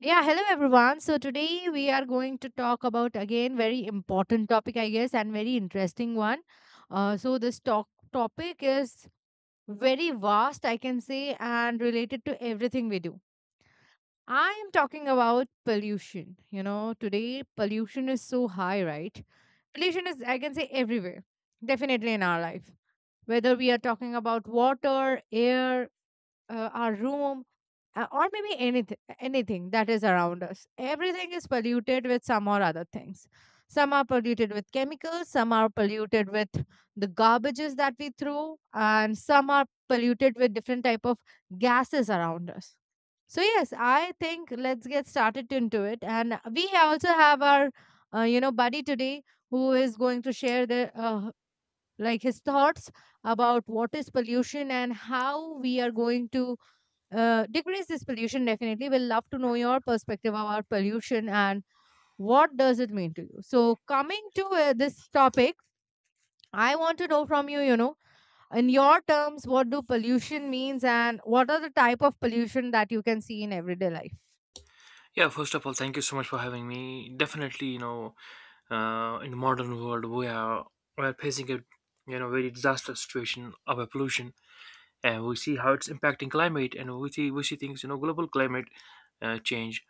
Yeah, hello everyone. So today we are going to talk about again very important topic, I guess, and very interesting one. So this talk topic is very vast, I can say, and related to everything we do. I am talking about pollution. You know, today pollution is so high, right? Pollution is, I can say, everywhere, definitely in our life. Whether we are talking about water, air, our room, or maybe anything that is around us, everything is polluted with some or other things. Some are polluted with chemicals, some are polluted with the garbages that we throw, and some are polluted with different type of gases around us. So yes, I think let's get started into it. And we also have our you know, buddy today, who is going to share the like, his thoughts about what is pollution and how we are going to decrease this pollution. Definitely, we'll love to know your perspective about pollution and what does it mean to you. So coming to this topic, I want to know from you, you know, in your terms, what do pollution means and what are the type of pollution that you can see in everyday life? Yeah, first of all, thank you so much for having me. Definitely, you know, in the modern world, we are facing a you know very disastrous situation of a pollution, and we see how it's impacting climate, and we see things you know global climate change.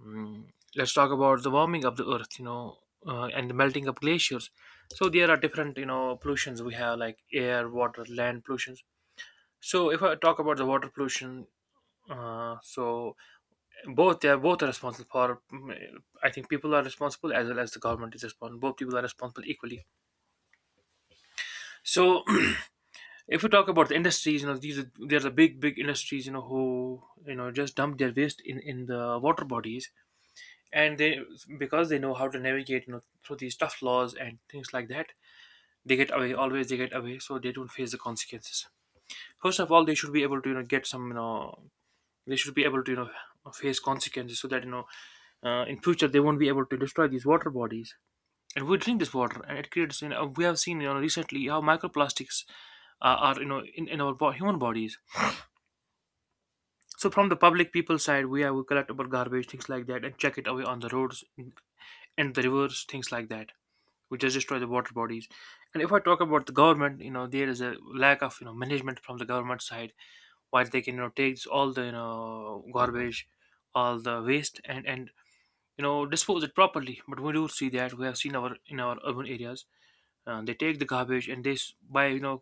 Mm, let's talk about the warming of the earth, you know, and the melting of glaciers. So there are different you know pollutions we have like air, water, land pollutions. So if I talk about the water pollution, so both are responsible for. I think people are responsible as well as the government is responsible, both people are responsible equally. So if we talk about the industries, you know, these are there's a big industries you know who you know just dump their waste in the water bodies, and they, because they know how to navigate you know through these tough laws and things like that, they get away, so they don't face the consequences. First of all, they should be able to you know get some you know, they should be able to you know face consequences so that you know, in future they won't be able to destroy these water bodies, and we drink this water, and it creates, you know, we have seen, you know, recently, how microplastics are you know in human bodies. So from the public people side, we have we collect our garbage things like that and check it away on the roads and the rivers, things like that, which just destroy the water bodies. And if I talk about the government, you know, there is a lack of you know management from the government side where they can you know take all the you know garbage, all the waste, and you know dispose it properly. But we do see that we have seen our in our urban areas, they take the garbage and by you know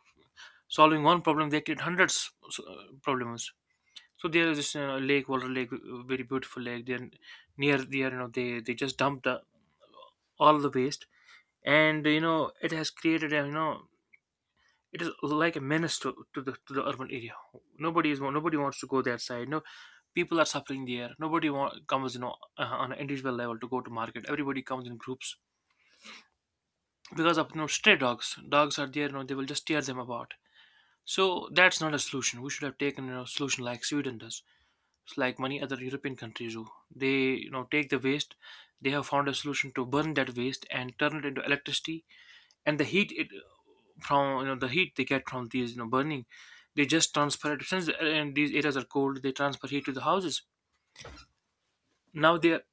solving one problem they create hundreds problems. So there is this lake, water lake, very beautiful lake. Then near there, you know, they just dump the all the waste, and you know it has created a you know it is like a menace to the urban area. Nobody wants to go that side. No, people are suffering there. Comes you know on an individual level to go to market. Everybody comes in groups because of you know stray dogs. Dogs are there. You know they will just tear them apart. So that's not a solution. We should have taken a solution like Sweden does. It's like many other European countries do. They, you know, take the waste. They have found a solution to burn that waste and turn it into electricity. And the heat it From you know the heat they get from these you know burning, they just transfer it. Since and these areas are cold, they transfer heat to the houses. Now they are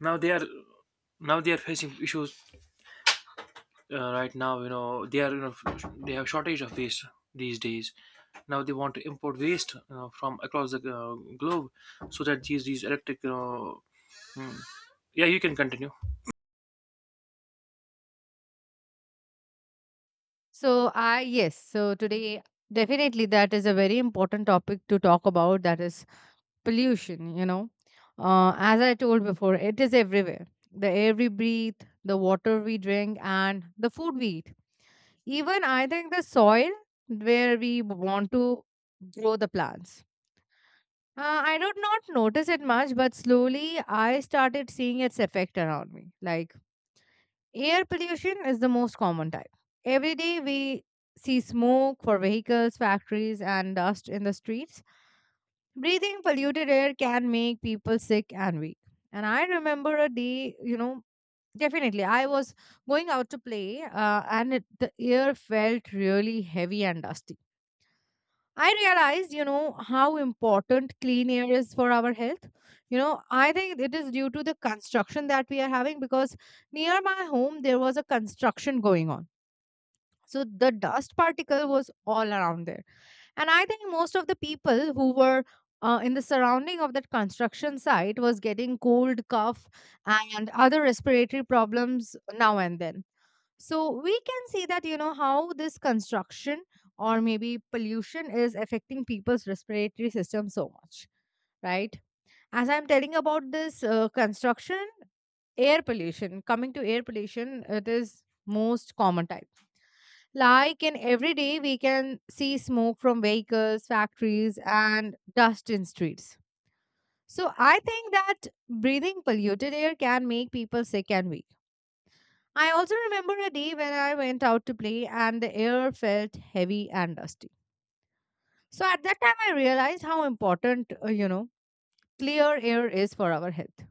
now they are Now they are facing issues right now, you know, they are, you know, they have shortage of waste these days. Now they want to import waste, you know, from across the globe, so that these electric, you know, hmm. Yeah, you can continue. So today definitely that is a very important topic to talk about. That is pollution, you know. As I told before, it is everywhere. The air we breathe, the water we drink, and the food we eat, even I think the soil where we want to grow the plants. I did not notice it much, but slowly I started seeing its effect around me. Like, air pollution is the most common type. Every day we see smoke for vehicles, factories, and dust in the streets. Breathing polluted air can make people sick and weak. And I remember a day, you know, definitely, I was going out to play, and the air felt really heavy and dusty. I realized, you know, how important clean air is for our health. You know, I think it is due to the construction that we are having, because near my home there was a construction going on. So the dust particle was all around there. And I think most of the people who were in the surrounding of that construction site was getting cold, cough, and other respiratory problems now and then. So we can see that, you know, how this construction or maybe pollution is affecting people's respiratory system so much, right? As I'm telling about this construction, air pollution, coming to air pollution, it is most common type. Like in every day, we can see smoke from vehicles, factories, and dust in streets. So I think that breathing polluted air can make people sick and weak. I also remember a day when I went out to play and the air felt heavy and dusty. So at that time, I realized how important, clear air is for our health,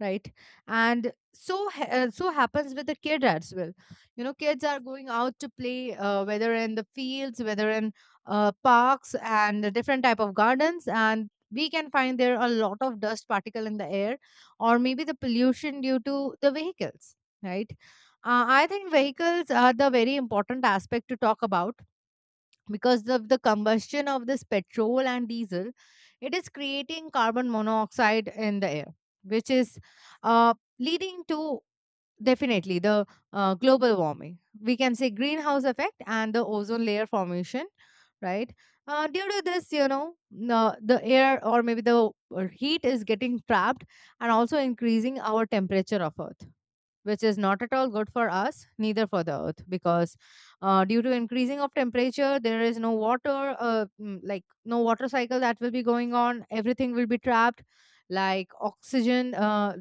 right? And so so happens with the kid as well. You know, kids are going out to play, whether in the fields, whether in parks and the different type of gardens, and we can find there a lot of dust particle in the air, or maybe the pollution due to the vehicles, right? I think vehicles are the very important aspect to talk about, because of the combustion of this petrol and diesel, it is creating carbon monoxide in the air, which is leading to definitely the global warming, we can say, greenhouse effect and the ozone layer formation, right? Due to this, you know, the air or maybe the heat is getting trapped, and also increasing our temperature of earth, which is not at all good for us, neither for the earth. Because due to increasing of temperature, there is no water, like no water cycle that will be going on. Everything will be trapped, like oxygen.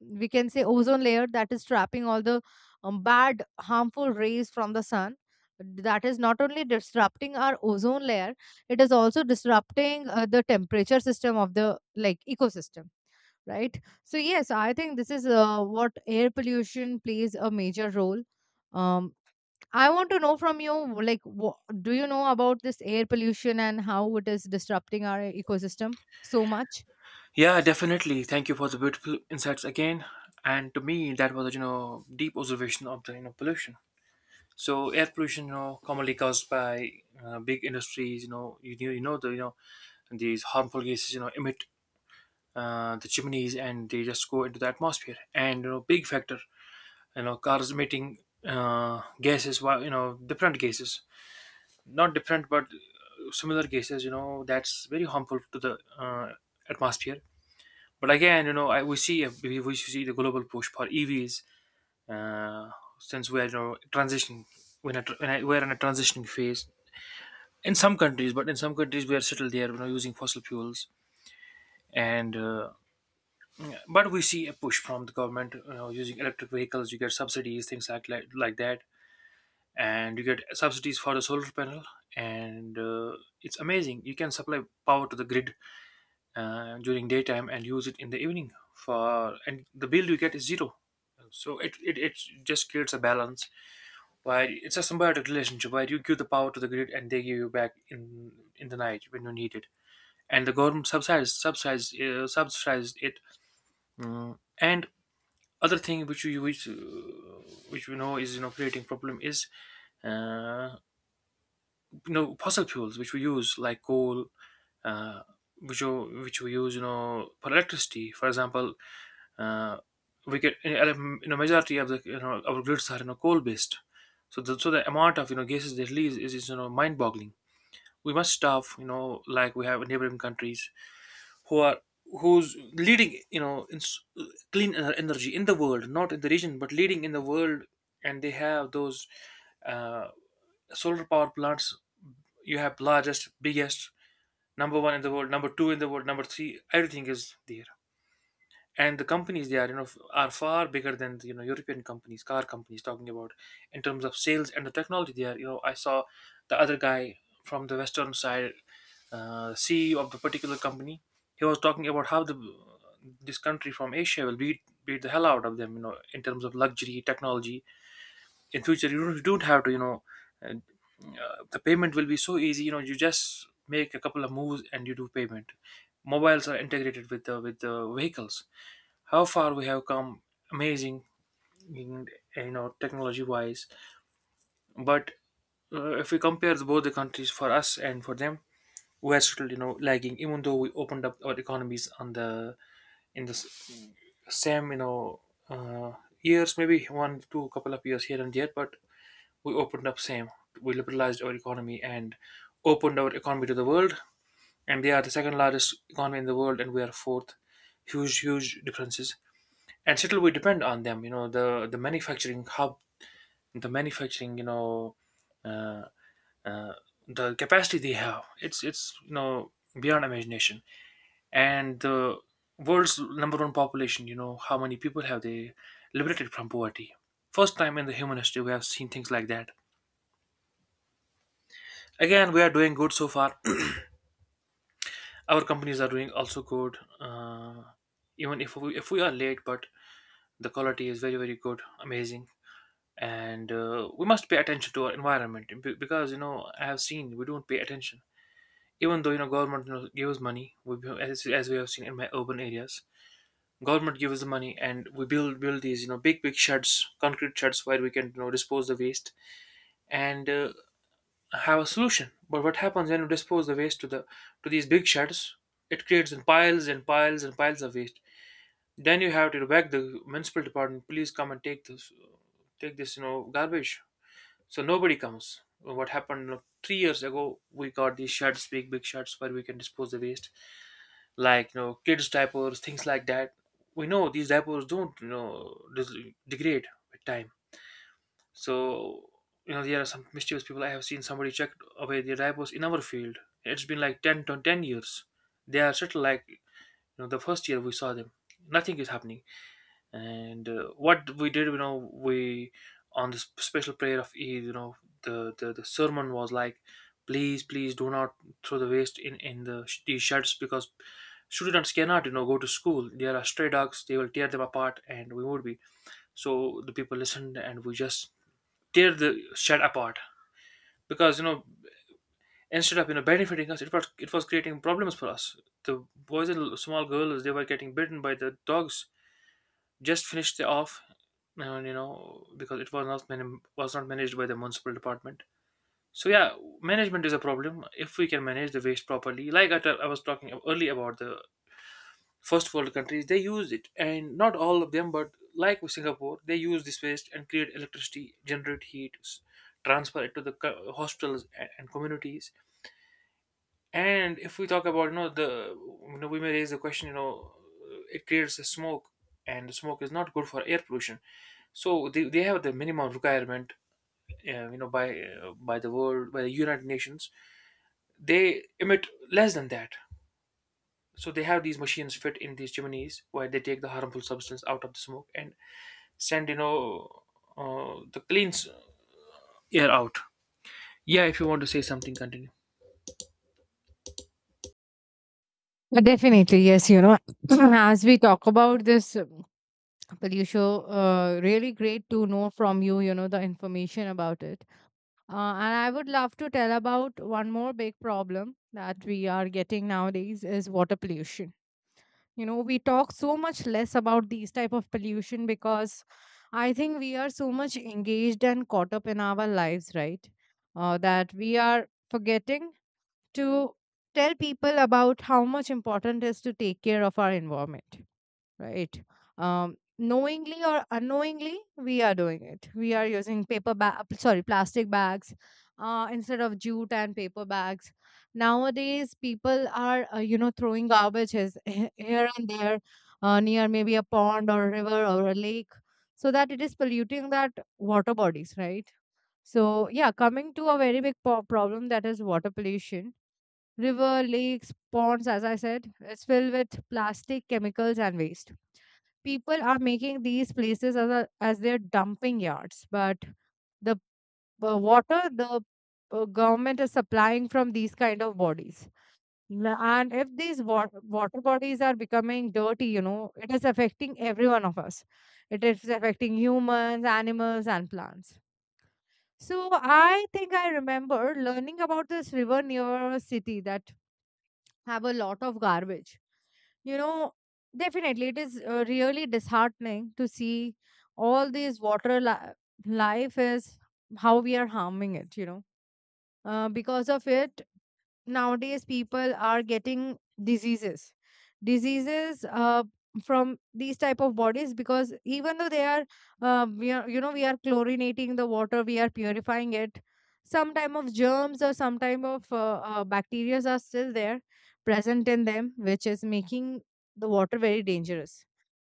We can say ozone layer, that is trapping all the bad, harmful rays from the sun. That is not only disrupting our ozone layer, it is also disrupting the temperature system of the, like, ecosystem, right? So yes, I think this is what air pollution plays a major role. Um, I want to know from you, like, wha, do you know about this air pollution and how it is disrupting our ecosystem so much? Yeah, definitely, thank you for the beautiful insights again. And to me that was a, you know, deep observation of the you know pollution. So air pollution, you know, commonly caused by big industries, you know, you know, the you know these harmful gases you know emit the chimneys, and they just go into the atmosphere, and you know big factor, you know, cars emitting gases, you know, different gases, not different but similar gases, you know, that's very harmful to the atmosphere. But again, you know, we see we see the global push for EVs. uh, since we are you know transitioning, when, a, when I, we're in a transitioning phase in some countries, but in some countries we are still there you know using fossil fuels. And But we see a push from the government, you know, using electric vehicles, you get subsidies, things like that, and you get subsidies for the solar panel. And It's amazing, you can supply power to the grid during daytime and use it in the evening for, and the bill you get is zero. So it just creates a balance where it's a symbiotic relationship where you give the power to the grid and they give you back in the night when you need it. And the government subsidizes it. Mm. And other thing which we know is you know creating problem is uh, you know fossil fuels which we use like coal, uh, which which we use you know for electricity, for example. uh, we get, you know, majority of the you know our grids are you know coal based. So so the amount of you know gases they release is you know mind boggling. We must stop, you know, like we have in neighboring countries who are who's leading you know clean energy in the world, not in the region but leading in the world. And they have those uh, solar power plants. You have largest, biggest, number one in the world, number two in the world, number three, everything is there. And the companies they are you know are far bigger than the, you know, european companies, car companies talking about, in terms of sales and the technology they are, you know, I saw the other guy from the western side, CEO of the particular company, he was talking about how the this country from Asia will beat the hell out of them, you know, in terms of luxury technology in future. You don't have to you know uh, the payment will be so easy, you know, you just make a couple of moves and you do payment. Mobiles are integrated with the vehicles. How far we have come, amazing, in, you know, technology wise. But if we compare both the countries, for us and for them, we're still you know lagging, even though we opened up our economies on the in the s- same, you know, uh, years, maybe one two couple of years here and there, but we opened up same. We liberalized our economy and opened our economy to the world. And they are the second largest economy in the world, and we are fourth. Huge, huge differences. And still, we depend on them. You know, the manufacturing hub, the manufacturing, you know, uh, uh, the capacity they have. It's, you know, beyond imagination. And the world's number one population. You know, how many people have they liberated from poverty? First time in the human history we have seen things like that. Again, we are doing good so far. Our companies are doing also good, even if we are late, but the quality is very, very good, amazing. And We must pay attention to our environment, because you know I have seen we don't pay attention, even though you know government, you know, gives money, as we have seen in my urban areas, government gives the money and we build these you know big sheds, concrete sheds where we can you know dispose the waste, and have a solution. But what happens when we dispose the waste to the to these big sheds, it creates in piles and piles and piles of waste. Then you have to beg the municipal department, please come and take this, you know, garbage. So nobody comes. What happened, you know, 3 years ago? We got these sheds, big big sheds, where we can dispose the waste, like you know, kids' diapers, things like that. We know these diapers don't, you know, degrade with time. So you know, there are some mischievous people. I have seen somebody check away their diapers in our field. It's been like 10 to 10 years. They are settled like you know, the first year we saw them. Nothing is happening and what we did, you know, we on this special prayer of Eid, you know, the sermon was like, please do not throw the waste in these sheds because students cannot, you know, go to school. There are stray dogs, they will tear them apart, and we would be. So the people listened and we just tear the shed apart because, you know, instead of, you know, benefiting us, it was creating problems for us. The boys and small girls, they were getting bitten by the dogs. Just finished it off. And you know, because it was not managed by the municipal department, so yeah. Management is a problem if we can manage the waste properly. Like I was talking earlier about the first world countries. They use it, and not all of them, but like with Singapore, they use this waste and create electricity, generate heat, transfer it to the hospitals a- and communities. And if we talk about, you know, the, you know, we may raise the question, you know, it creates a smoke, and the smoke is not good for air pollution. So they have the minimum requirement, you know, by the world, by the United Nations, they emit less than that. So they have these machines fit in these chimneys where they take the harmful substance out of the smoke and send, you know, the clean air out. Yeah, if you want to say something, continue. Definitely, yes. You know, as we talk about this pollution, really great to know from you, you know, the information about it. And I would love to tell about one more big problem that we are getting nowadays is water pollution. You know, we talk so much less about these type of pollution, because I think we are so much engaged and caught up in our lives, right? That we are forgetting to tell people about how much important it is to take care of our environment, right? Knowingly or unknowingly, we are doing it. We are using paper bag, sorry, plastic bags, instead of jute and paper bags. Nowadays, people are, you know, throwing garbages here and there, near maybe a pond or a river or a lake, so that it is polluting that water bodies, right? So yeah, coming to a very big problem, that is water pollution. River, lakes, ponds, as I said, it's filled with plastic, chemicals, and waste. People are making these places as as their dumping yards. But the water, the government is supplying from these kind of bodies. And if these water bodies are becoming dirty, you know, it is affecting every one of us. It is affecting humans, animals, and plants. So I think I remember learning about this river near a city that have a lot of garbage. You know, definitely, it is really disheartening to see all these water life is how we are harming it, you know. Because of it, nowadays people are getting diseases, diseases uh, from these type of bodies. Because even though they are, we are, you know, we are chlorinating the water, we are purifying it, some type of germs or some type of bacteria are still there present in them, which is making the water very dangerous.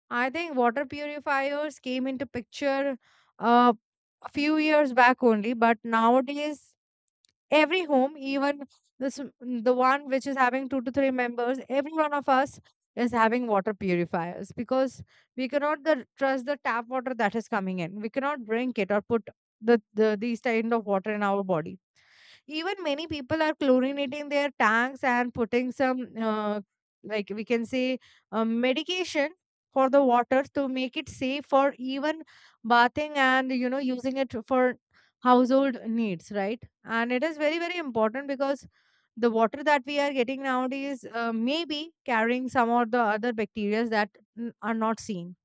I think water purifiers came into picture uh, a few years back only, but nowadays every home, even this the one which is having two to three members, every one of us is having water purifiers, because we cannot trust the tap water that is coming in. We cannot drink it or put the these kind of water in our body. Even many people are chlorinating their tanks and putting some, like we can say, medication for the water to make it safe for even bathing and, you know, using it for household needs, right? And it is very very important, because the water that we are getting nowadays may be carrying some or the other bacteria that are not seen,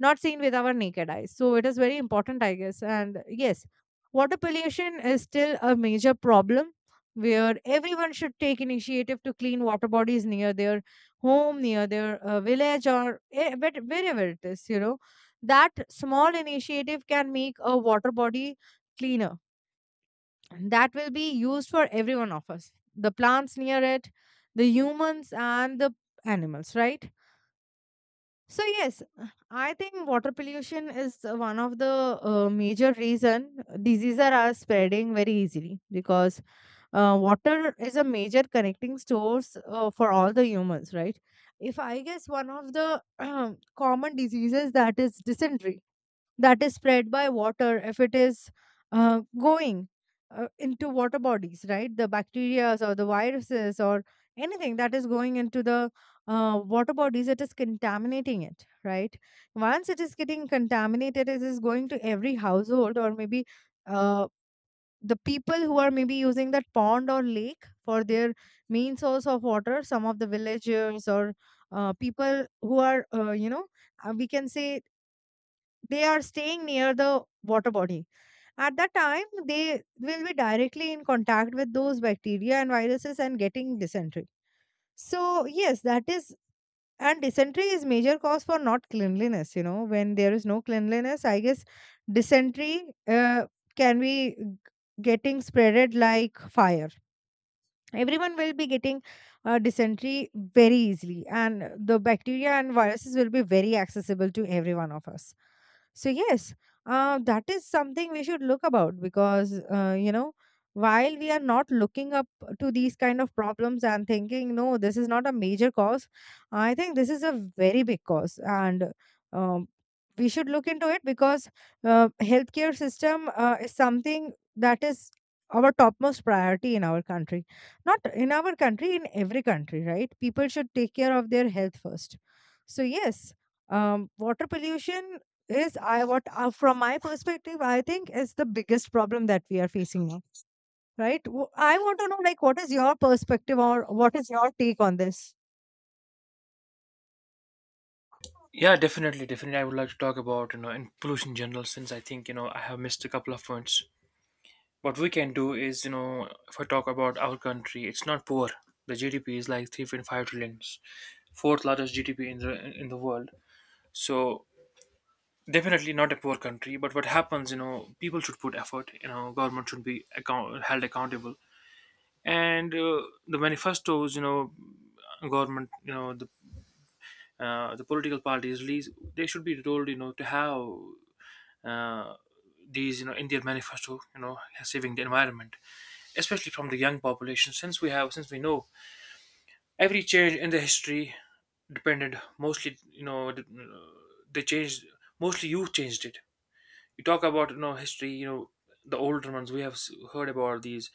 not seen with our naked eyes. So it is very important, I guess. And yes, water pollution is still a major problem, where everyone should take initiative to clean water bodies near their home, near their village, or eh, but wherever it is, you know. That small initiative can make a water body cleaner. That will be used for every one of us, the plants near it, the humans, and the animals, right? So yes, I think water pollution is one of the major reason diseases are spreading very easily, because water is a major connecting source for all the humans, right? If I guess one of the common diseases, that is dysentery, that is spread by water, if it is going into water bodies, right, the bacteria or the viruses or anything that is going into the water bodies, it is contaminating it, right? Once it is getting contaminated, it is going to every household, or maybe uh, the people who are maybe using that pond or lake for their main source of water, some of the villagers or people who are, we can say, they are staying near the water body. At that time, they will be directly in contact with those bacteria and viruses and getting dysentery. So yes, that is, and dysentery is major cause for not cleanliness. You know, when there is no cleanliness, I guess dysentery can be getting spreaded like fire. Everyone will be getting dysentery very easily, and the bacteria and viruses will be very accessible to every one of us. So yes, that is something we should look about, because while we are not looking up to these kind of problems and thinking no this is not a major cause, I think this is a very big cause, and um, we should look into it, because healthcare system is something that is our topmost priority in our country. Not in our country, in every country, right? People should take care of their health first. So yes, water pollution is I what from my perspective I think is the biggest problem that we are facing now. Right? I want to know like what is your perspective, or what is your take on this? Yeah, definitely. I would like to talk about, you know, in pollution in general, since I think, you know, I have missed a couple of points. What we can do is, you know, if I talk about our country, it's not poor. The GDP is like 3.5 trillion, fourth largest GDP in the world. So definitely not a poor country. But what happens, you know, people should put effort. You know, government should be held accountable. And the manifestos, you know, government, you know, the the political parties, least they should be told, you know, to have uh, these, you know, Indian their manifesto, you know, saving the environment, especially from the young population. Since we have, since we know every change in the history depended mostly, you know, they changed, mostly you changed it. You talk about, you know, history, you know, the older ones, we have heard about these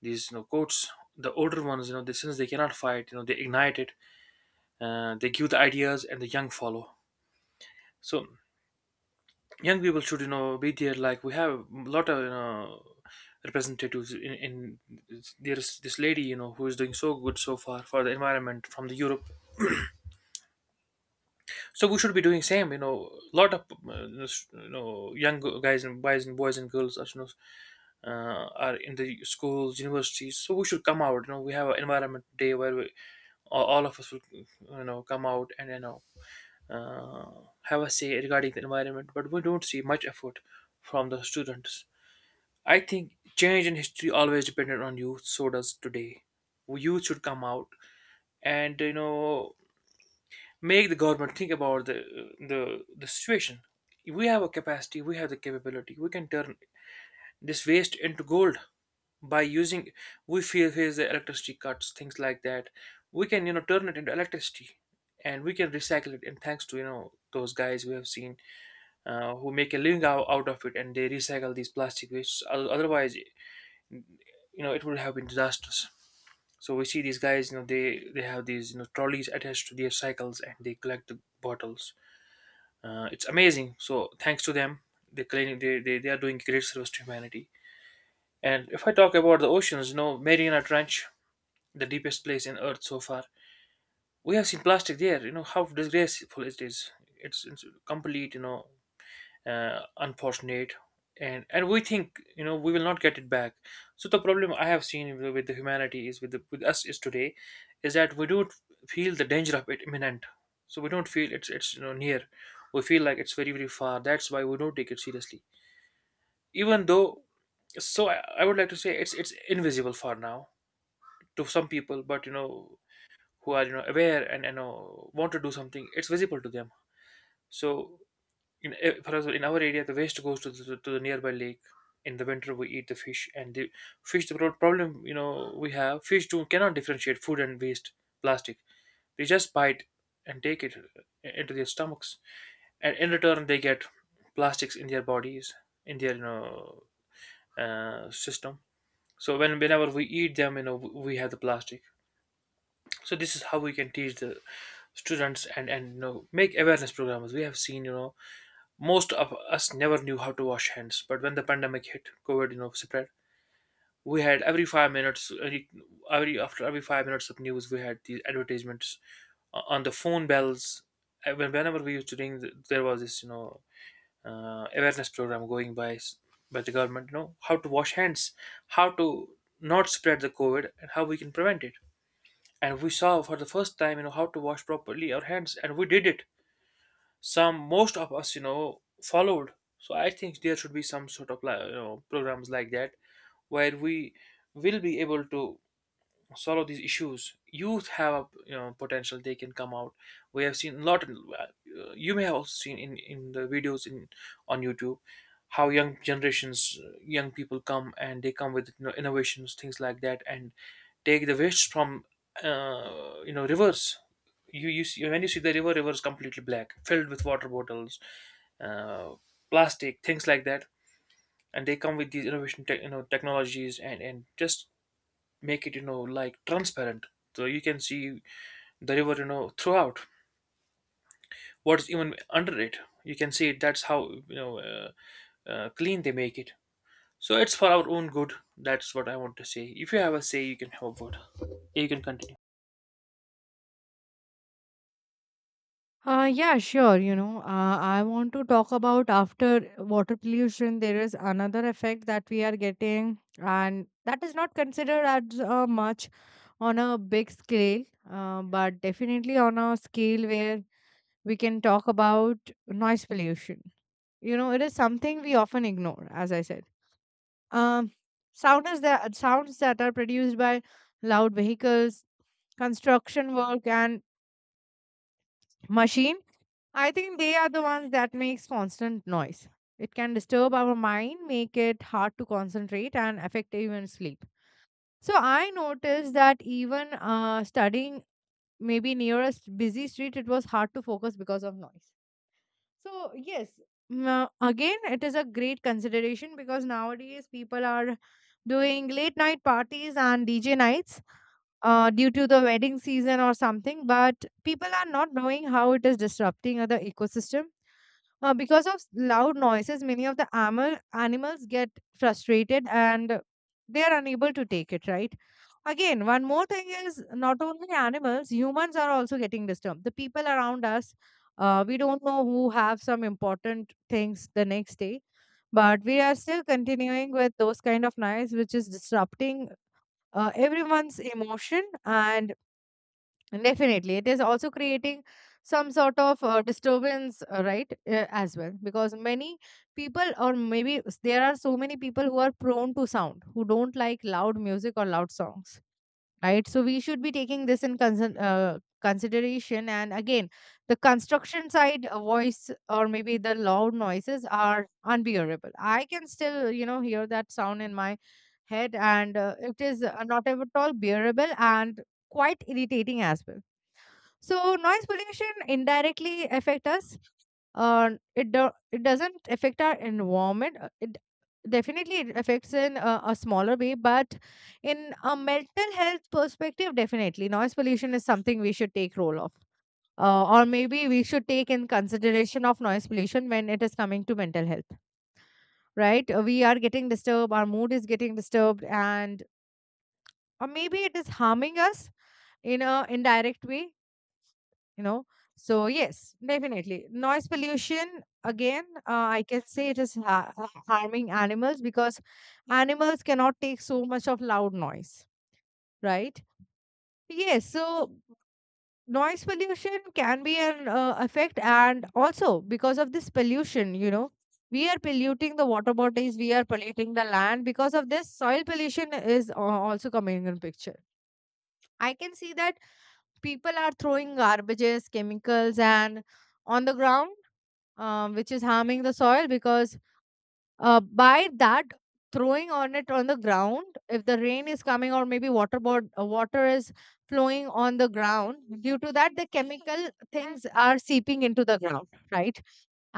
these you know, quotes. The older ones, you know, they, since they cannot fight, you know, they ignite it. They give the ideas and the young follow. So young people should, you know, be there. Like we have a lot of, you know, representatives in, there is this lady, you know, who is doing so good so far for the environment from the Europe. So we should be doing same, you know. A lot of uh, you know, young guys and boys, and boys and girls are, you know, are in the schools, universities. So we should come out, you know, we have an environment day where we, all of us will, you know, come out, and you know, have a say regarding the environment. But we don't see much effort from the students. I think change in history always depended on youth, so does today. Youth should come out and, you know, make the government think about the, the situation. We have a capacity, we have the capability, we can turn this waste into gold by using, we feel here's the electricity cuts, things like that. We can, you know, turn it into electricity, and we can recycle it. And thanks to, you know, those guys we have seen, who make a living out of it, and they recycle these plastic wastes. Otherwise you know, it would have been disastrous. So we see these guys, you know, they have these, you know, trolleys attached to their cycles, and they collect the bottles. It's amazing. So thanks to them, they claim they are doing great service to humanity. And if I talk about the oceans, you know, Mariana Trench, the deepest place in Earth so far, we have seen plastic there. You know how disgraceful it is. It's complete, you know, unfortunate. And we think, you know, we will not get it back. So the problem I have seen with the humanity, is with the, with us, is today is that we don't feel the danger of it imminent. So we don't feel it's you know, near. We feel like it's very far, that's why we don't take it seriously, even though. So I would like to say it's invisible for now to some people. But you know, who are, you know, aware, and you know, want to do something, it's visible to them. So in for example, in our area, the waste goes to the nearby lake. In the winter, we eat the fish, and the fish. The problem, you know, we have, fish too cannot differentiate food and waste, plastic. They just bite and take it into their stomachs, and in return, they get plastics in their bodies, in their, you know, system. So whenever we eat them, you know, we have the plastic. So this is how we can teach the students, and you know, make awareness programs. We have seen, you know, most of us never knew how to wash hands, but when the pandemic hit, COVID, you know, spread, we had every 5 minutes, after every 5 minutes of news, we had these advertisements on the phone bells. Whenever we used to ring, there was this, you know, awareness program going by the government, you know, how to wash hands, how to not spread the COVID, and how we can prevent it. And we saw for the first time, you know, how to wash properly our hands, and we did it. Some, most of us, you know, followed. So I think there should be some sort of, like, you know, programs like that where we will be able to solve these issues. Youth have, a you know, potential, they can come out. We have seen a lot, you may have also seen in the videos, in, on YouTube, how young generations, young people come, and they come with, you know, innovations, things like that, and take the waste from you know, rivers. You see, when you see the river is completely black, filled with water bottles, uh, plastic, things like that. And they come with these innovation tech, you know, technologies, and just make it, you know, like transparent, so you can see the river, you know, throughout, what's even under it, you can see it. That's how, you know, clean they make it. So it's for our own good, that's what I want to say. If you have a say, you can have a vote, you can continue. Yeah, sure. You know, I want to talk about, after water pollution, there is another effect that we are getting, and that is not considered as much on a big scale, but definitely on a scale where we can talk about noise pollution. You know, it is something we often ignore, as I said. Um, sound is that sounds that are produced by loud vehicles, construction work, and machine. I think they are the ones that makes constant noise. It can disturb our mind, make it hard to concentrate, and affect even sleep. So I noticed that even studying maybe near a busy street, it was hard to focus because of noise. So yes, again, it is a great consideration because nowadays people are doing late night parties and DJ nights due to the wedding season or something, but people are not knowing how it is disrupting other ecosystem. Because of loud noises, many of the animals get frustrated and they are unable to take it, right? Again, one more thing is not only animals, humans are also getting disturbed. The people around us, we don't know who have some important things the next day, but we are still continuing with those kind of noise, which is disrupting everyone's emotion. And definitely, it is also creating some sort of disturbance, right? As well, because many people, or maybe there are so many people who are prone to sound, who don't like loud music or loud songs, right? So we should be taking this in consideration. And again, the construction side voice, or maybe the loud noises, are unbearable. I can still, you know, hear that sound in my head, and it is not at all bearable and quite irritating as well. So noise pollution indirectly affect us. It doesn't affect our environment. It definitely, it affects in a smaller way, but in a mental health perspective, definitely noise pollution is something we should take role of, or maybe we should take in consideration of noise pollution when it is coming to mental health. Right? We are getting disturbed. Our mood is getting disturbed, and or maybe it is harming us in a indirect way, you know. So yes, definitely noise pollution again, I can say it is harming animals because animals cannot take so much of loud noise, right? Yes. So noise pollution can be an effect, and also because of this pollution, you know, we are polluting the water bodies, we are polluting the land, because of this soil pollution is also coming in picture. I can see that people are throwing garbages, chemicals, and on the ground, which is harming the soil, because by that throwing on it on the ground, if the rain is coming or maybe water board water is flowing on the ground, due to that the chemical things are seeping into the ground, right?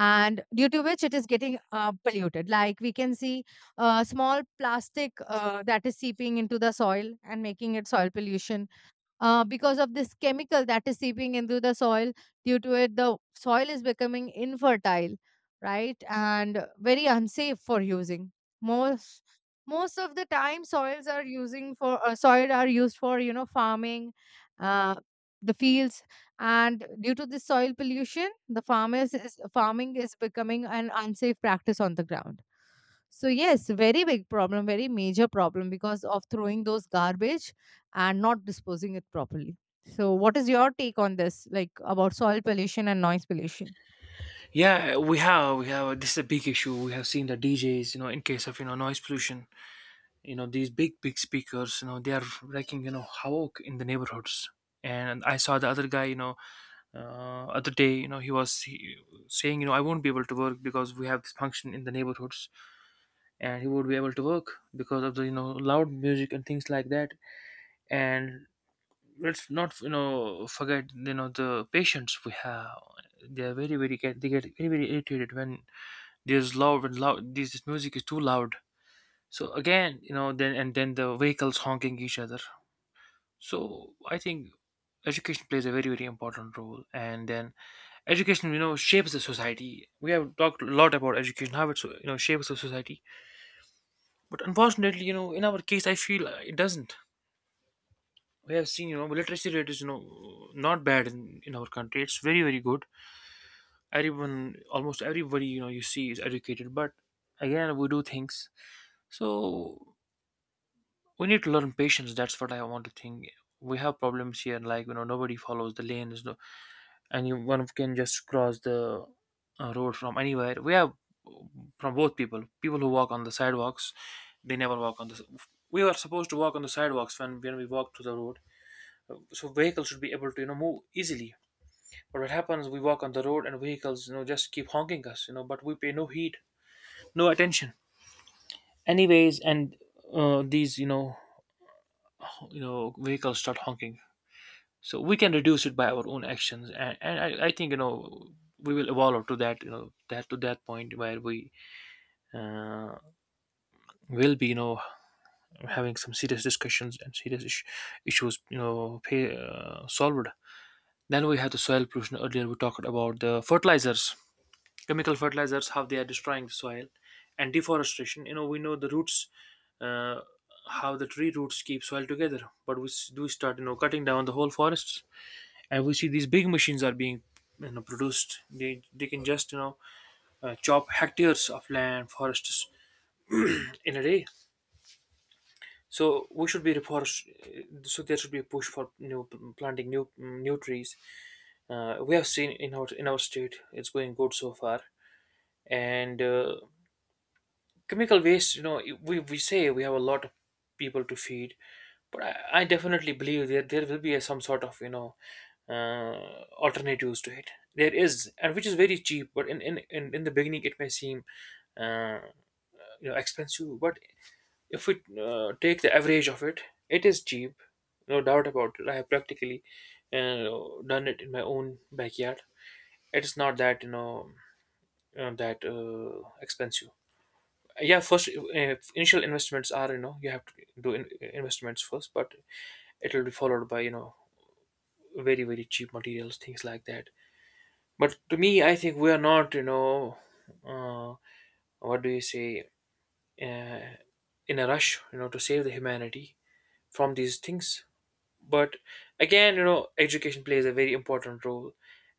And due to which it is getting polluted. Like we can see small plastic that is seeping into the soil and making it soil pollution, because of this chemical that is seeping into the soil. Due to it, the soil is becoming infertile, right? And very unsafe for using. Most most of the time, soils are using for soil are used for, you know, farming, uh, the fields, and due to this soil pollution, the farmers is farming is becoming an unsafe practice on the ground. So yes, very big problem, very major problem, because of throwing those garbage and not disposing it properly. So what is your take on this, like about soil pollution and noise pollution? Yeah, we have this is a big issue. We have seen the DJs, you know, in case of, you know, noise pollution, you know, these big big speakers, you know, they are wrecking, you know, havoc in the neighborhoods. And I saw the other guy, you know, other day, you know, he was saying, you know, I won't be able to work because we have this function in the neighborhoods, and he won't be able to work because of the, you know, loud music and things like that. And let's not, you know, forget, you know, the patients we have. They are very very get, they get very irritated when there's loud and loud, this music is too loud. So again, you know, then, and then the vehicles honking each other. So I think education plays a very important role. And then, education, you know, shapes the society. We have talked a lot about education, how it's, you know, shapes the society. But unfortunately, you know, in our case, I feel it doesn't. We have seen, you know, literacy rate is, you know, not bad in our country, it's very good. Everyone, almost everybody, you know, you see is educated. But again, we do things. So we need to learn patience, that's what I want to think. We have problems here, like, you know, nobody follows the lanes. No, and you, one of, can just cross the road from anywhere. We have, from both, people who walk on the sidewalks, they never walk on the, we were supposed to walk on the sidewalks. When we walk to the road, so vehicles should be able to, you know, move easily. But what happens, we walk on the road and vehicles, you know, just keep honking us, you know, but we pay no heed, no attention anyways. And these, you know, you know, vehicles start honking. So we can reduce it by our own actions. And I think, you know, we will evolve to that, you know, that, to that point where we uh, will be, you know, having some serious discussions and serious issues, you know, pay, solved. Then we have the soil pollution. Earlier we talked about the fertilizers, chemical fertilizers, how they are destroying the soil. And deforestation, you know, we know the roots, uh, how the tree roots keep soil together. But we do start, you know, cutting down the whole forests. And we see these big machines are being, you know, produced. They can just, you know, chop hectares of land, forests, in a day. So we should be reforest. So there should be a push for new, planting new trees. We have seen in our, in our state, it's going good so far. And chemical waste, you know, we say we have a lot of people to feed. But I definitely believe that there will be a, some sort of, you know, alternatives to it. There is, and which is very cheap. But in the beginning, it may seem uh, you know, expensive. But if we take the average of it, it is cheap. No doubt about it. I have practically uh, done it in my own backyard. It is not that, you know, that expensive. Yeah, first initial investments are, you know, you have to do investments first. But it will be followed by, you know, very cheap materials, things like that. But to me, I think we are not, you know, uh, what do you say, uh, in a rush, you know, to save the humanity from these things. But again, you know, education plays a very important role.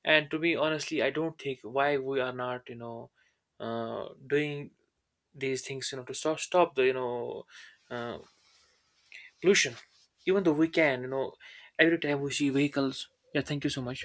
And to be honestly, I don't think why we are not, you know, doing these things, you know, to stop the, you know, uh, pollution, even though we can, you know, every time we see vehicles. Yeah, thank you so much.